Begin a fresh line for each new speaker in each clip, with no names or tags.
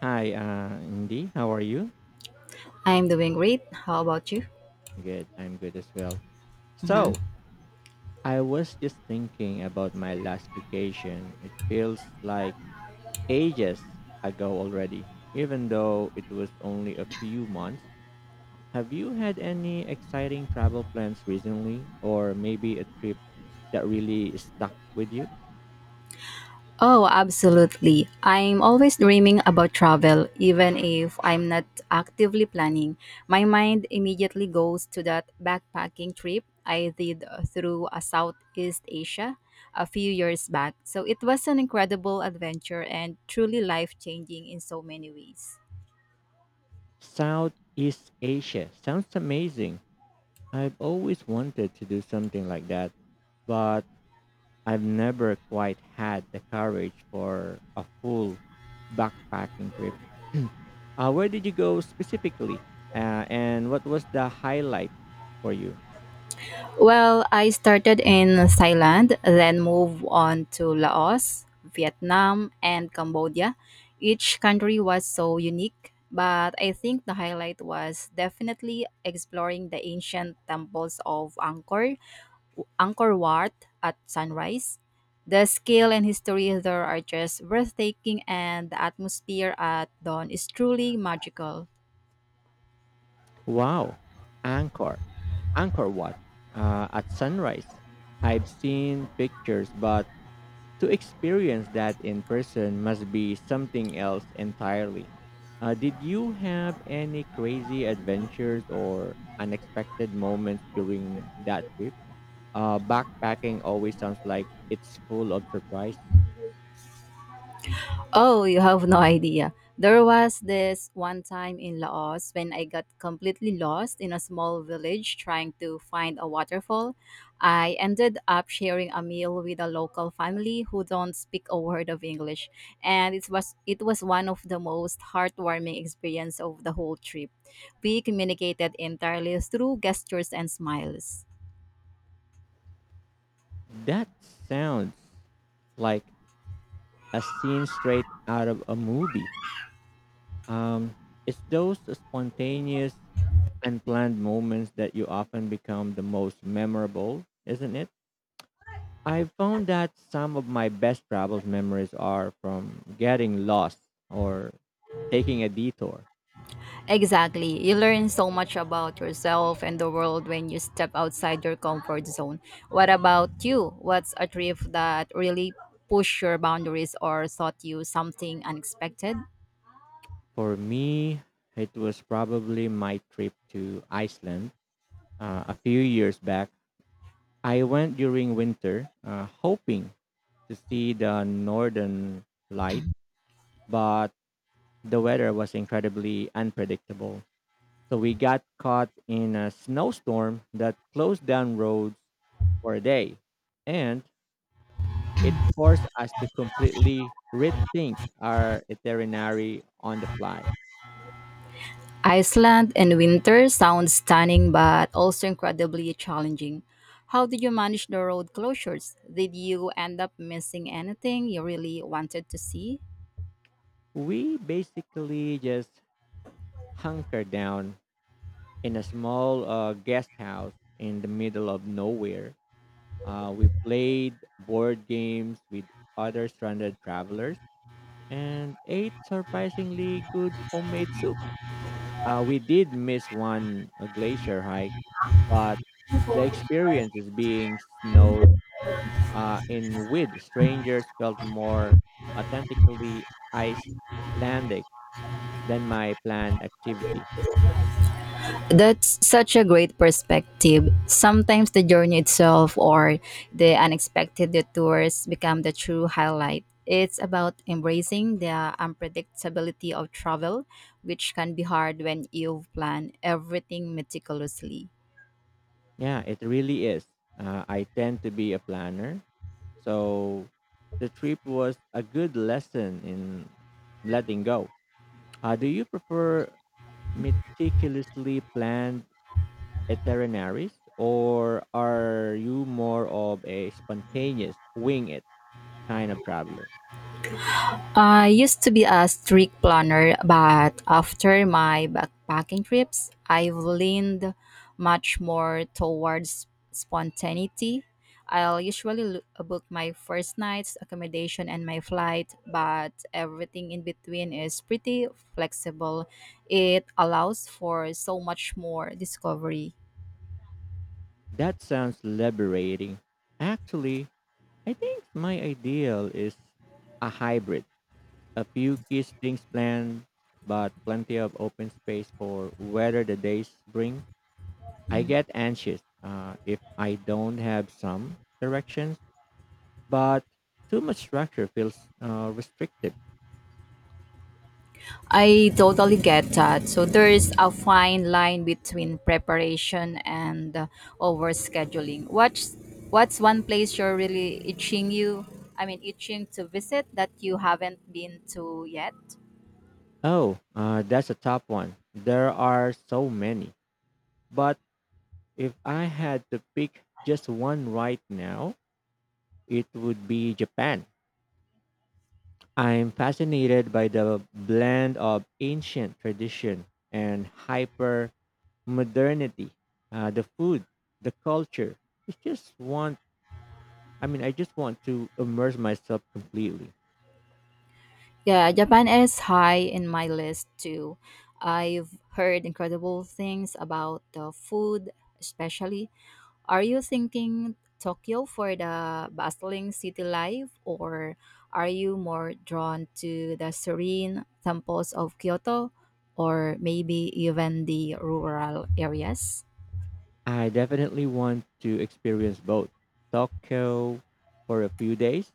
Hi, Indy. How are you?
I'm doing great. How about you?
Good. I'm good as well. So, I was just thinking about my last vacation. It feels like ages ago already, even though it was only a few months. Have you had any exciting travel plans recently, or maybe a trip that really stuck with you?
Oh, absolutely. I'm always dreaming about travel, even if I'm not actively planning. My mind immediately goes to that backpacking trip I did through Southeast Asia a few years back. So it was an incredible adventure and truly life changing in so many ways.
Southeast Asia sounds amazing. I've always wanted to do something like that, but I've never quite had the courage for a full backpacking trip. Where did you go specifically? And what was the highlight for you?
Well, I started in Thailand, then moved on to Laos, Vietnam, and Cambodia. Each country was so unique, but I think the highlight was definitely exploring the ancient temples of Angkor, Angkor Wat at sunrise. The scale and history there are just breathtaking, and the atmosphere at dawn is truly magical.
Wow, Angkor. Angkor Wat at sunrise. I've seen pictures, but to experience that in person must be something else entirely. Did you have any crazy adventures or unexpected moments during that trip? Backpacking always sounds like it's full of surprise.
Oh, you have no idea. There was this one time in Laos when I got completely lost in a small village trying to find a waterfall. I ended up sharing a meal with a local family who don't speak a word of English, and it was one of the most heartwarming experience of the whole trip. We communicated entirely through gestures and smiles.
That sounds like a scene straight out of a movie. Um, it's those spontaneous, unplanned moments that you often become the most memorable, isn't it? I found that some of my best travel memories are from getting lost or taking a detour.
Exactly. You learn so much about yourself and the world when you step outside your comfort zone. What about you? What's a trip that really pushed your boundaries or taught you something unexpected?
For me, it was probably my trip to Iceland a few years back. I went during winter, hoping to see the northern light, but the weather was incredibly unpredictable. So we got caught in a snowstorm that closed down roads for a day, and it forced us to completely rethink our itinerary on the fly.
Iceland in winter sounds stunning but also incredibly challenging. How did you manage the road closures? Did you end up missing anything you really wanted to see?
We basically just hunkered down in a small guest house in the middle of nowhere. We played board games with other stranded travelers and ate surprisingly good homemade soup. We did miss one a glacier hike, but the experience is being snowed in with strangers felt more authentically Icelandic than my planned activity.
That's such a great perspective. Sometimes the journey itself or the unexpected detours become the true highlight. It's about embracing the unpredictability of travel, which can be hard when you plan everything meticulously.
Yeah, it really is. I tend to be a planner, so the trip was a good lesson in letting go. Do you prefer meticulously planned itineraries, or are you more of a spontaneous wing it kind of traveler?
I used to be a strict planner, but after my backpacking trips, I've leaned much more towards spontaneity. I'll usually book my first night's accommodation and my flight, but everything in between is pretty flexible. It allows for so much more discovery.
That sounds liberating. Actually, I think my ideal is a hybrid. A few key things planned, but plenty of open space for whether the days bring. I get anxious if I don't have some directions, but too much structure feels restrictive.
I totally get that. So there is a fine line between preparation and overscheduling. What's one place you're really itching you? I mean, itching to visit that you haven't been to yet?
Oh, that's a top one. There are so many. But if I had to pick just one right now, it would be Japan. I'm fascinated by the blend of ancient tradition and hyper modernity. The food, the culture, it's just I just want to immerse myself completely.
Yeah, Japan is high in my list too. I've heard incredible things about the food, especially. Are you thinking Tokyo for the bustling city life, or are you more drawn to the serene temples of Kyoto, or maybe even the rural areas?
I definitely want to experience both Tokyo for a few days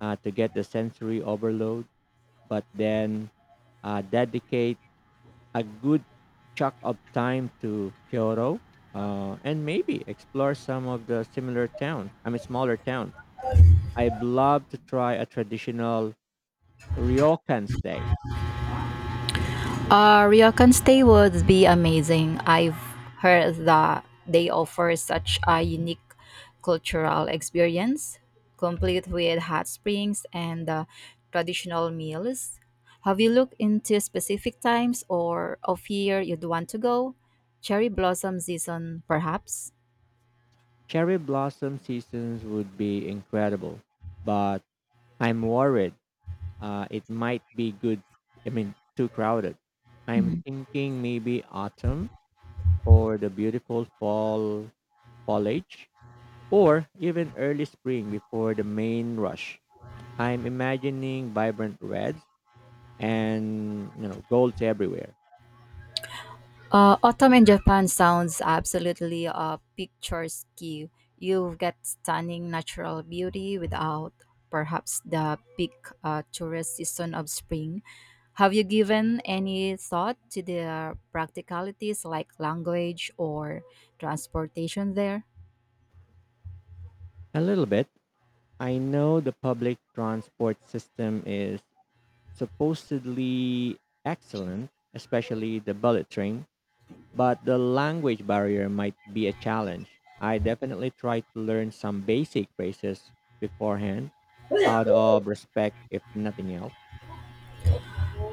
to get the sensory overload, but then dedicate a good chunk of time to Kyoto and maybe explore some of the similar towns. I mean, smaller towns. I'd love to try a traditional ryokan stay.
Ryokan Stay would be amazing. I've heard that they offer such a unique cultural experience, complete with hot springs and traditional meals. Have you looked into specific times or of year you'd want to go? Cherry blossom season, perhaps?
Cherry blossom seasons would be incredible, but I'm worried it might be too crowded. I'm thinking maybe autumn or the beautiful fall foliage, or even early spring before the main rush. I'm imagining vibrant reds and golds everywhere.
Autumn in Japan sounds absolutely picturesque. You get stunning natural beauty without perhaps the peak tourist season of spring. Have you given any thought to the practicalities like language or transportation there?
A little bit. I know the public transport system is supposedly excellent, especially the bullet train, but the language barrier might be a challenge. I definitely try to learn some basic phrases beforehand out of respect, if nothing else.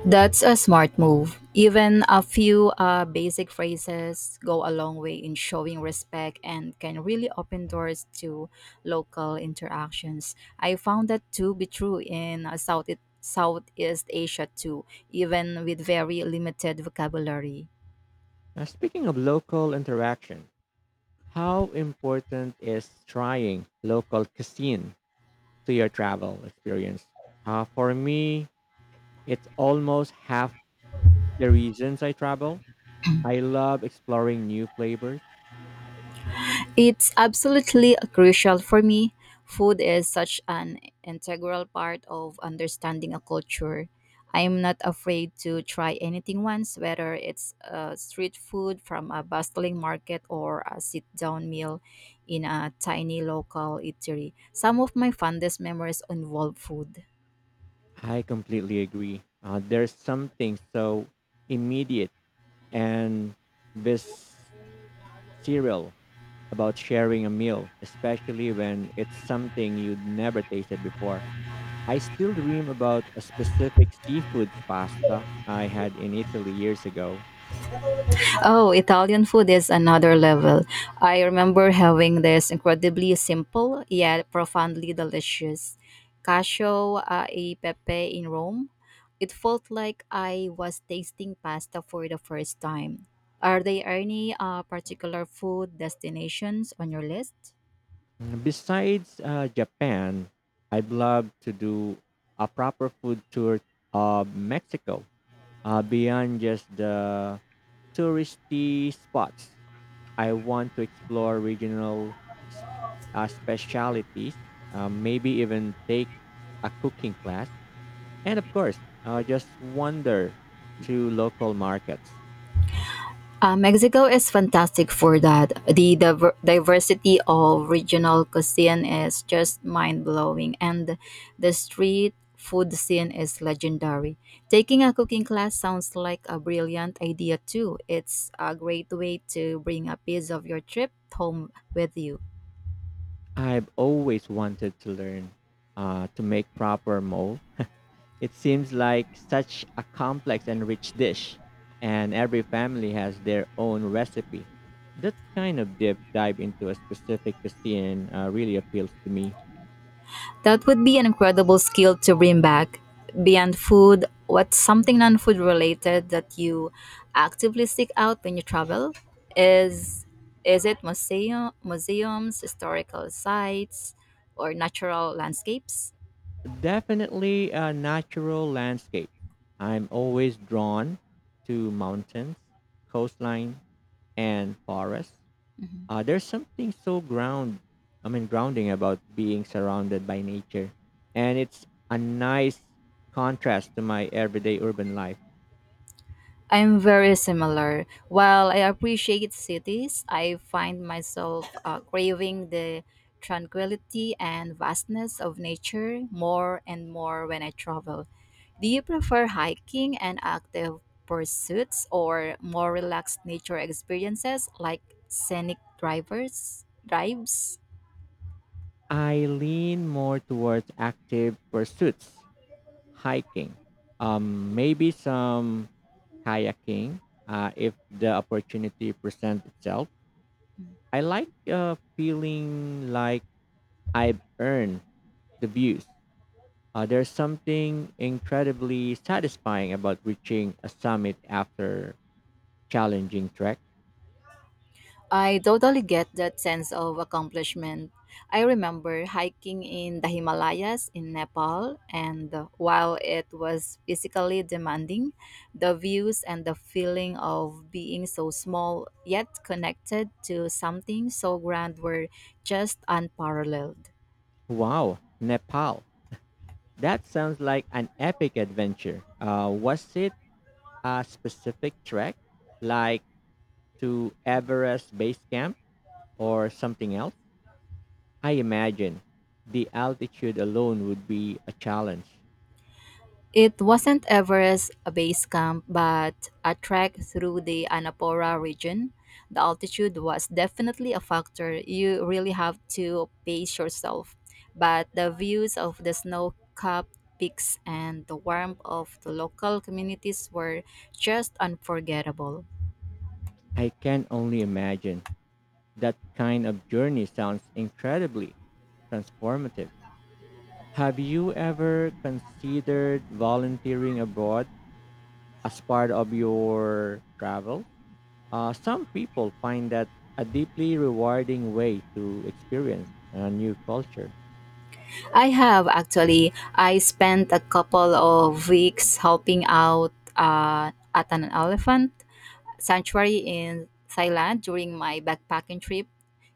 That's a smart move. Even a few basic phrases go a long way in showing respect and can really open doors to local interactions. I found that to be true in Southeast Asia too, even with very limited vocabulary.
Now, speaking of local interaction, how important is trying local cuisine to your travel experience? For me, it's almost half the reasons I travel. I love exploring new flavors.
It's absolutely crucial for me. Food is such an integral part of understanding a culture. I'm not afraid to try anything once, whether it's street food from a bustling market or a sit down meal in a tiny local eatery. Some of my fondest memories involve food.
I completely agree. There's something so immediate and bis cereal about sharing a meal, especially when it's something you'd never tasted before. I still dream about a specific seafood pasta I had in Italy years ago.
Oh, Italian food is another level. I remember having this incredibly simple yet profoundly delicious cacio e pepe in Rome. It felt like I was tasting pasta for the first time. Are there any particular food destinations on your list?
Mm, besides Japan, I'd love to do a proper food tour of Mexico beyond just the touristy spots. I want to explore regional s- specialities, maybe even take a cooking class, and of course, just wander through local markets.
Mexico is fantastic for that. The diversity of regional cuisine is just mind blowing, and the street food scene is legendary. Taking a cooking class sounds like a brilliant idea, too. It's a great way to bring a piece of your trip home with you.
I've always wanted to learn to make proper mole. It seems like such a complex and rich dish, and every family has their own recipe. That kind of deep dive into a specific cuisine really appeals to me.
That would be an incredible skill to bring back. Beyond food, what's something non food related that you actively seek out when you travel? Is is it museums, historical sites, or natural landscapes?
Definitely natural landscapes. I'm always drawn to mountains, coastline, and forests.
Mm-hmm.
There's something so grounding about being surrounded by nature, and it's a nice contrast to my everyday urban life.
I'm very similar. While I appreciate cities, I find myself craving the tranquility and vastness of nature more and more when I travel. Do you prefer hiking and active pursuits or more relaxed nature experiences like scenic drivers drives?
I lean more towards active pursuits, hiking, maybe some kayaking if the opportunity presents itself. I like feeling like I've earned the views. There's something incredibly satisfying about reaching a summit after challenging trek.
I totally get that sense of accomplishment. I remember hiking in the Himalayas in Nepal, and while it was physically demanding, the views and the feeling of being so small yet connected to something so grand were just unparalleled.
Wow, Nepal. That sounds like an epic adventure. Was it a specific trek, like to Everest Base Camp or something else? I imagine the altitude alone would be a challenge.
It wasn't Everest a base camp, but a trek through the Annapurna region. The altitude was definitely a factor. You really have to pace yourself. But the views of the snow capped peaks and the warmth of the local communities were just unforgettable.
I can only imagine. That kind of journey sounds incredibly transformative. Have you ever considered volunteering abroad as part of your travel? Some people find that a deeply rewarding way to experience a new culture.
I have actually, I spent a couple of weeks helping out at an elephant sanctuary in Thailand during my backpacking trip.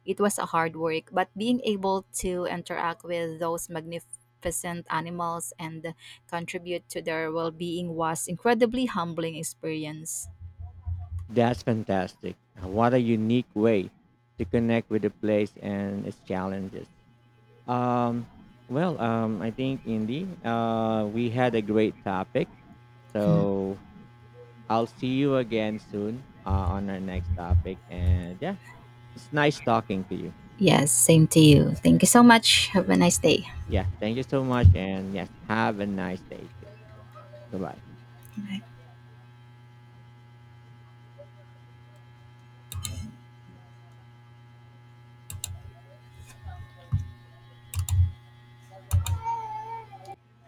It was a hard work, but being able to interact with those magnificent animals and contribute to their well-being was incredibly humbling experience.
That's fantastic. What a unique way to connect with the place and its challenges. Um, well, I think, Indy, we had a great topic.
Hmm.
So I'll see you again soon on our next topic. And yeah, it's nice talking to you.
Yes, same to you. Thank you so much. Have a nice day.
Yeah, thank you so much. And yes, have a nice day too. Goodbye.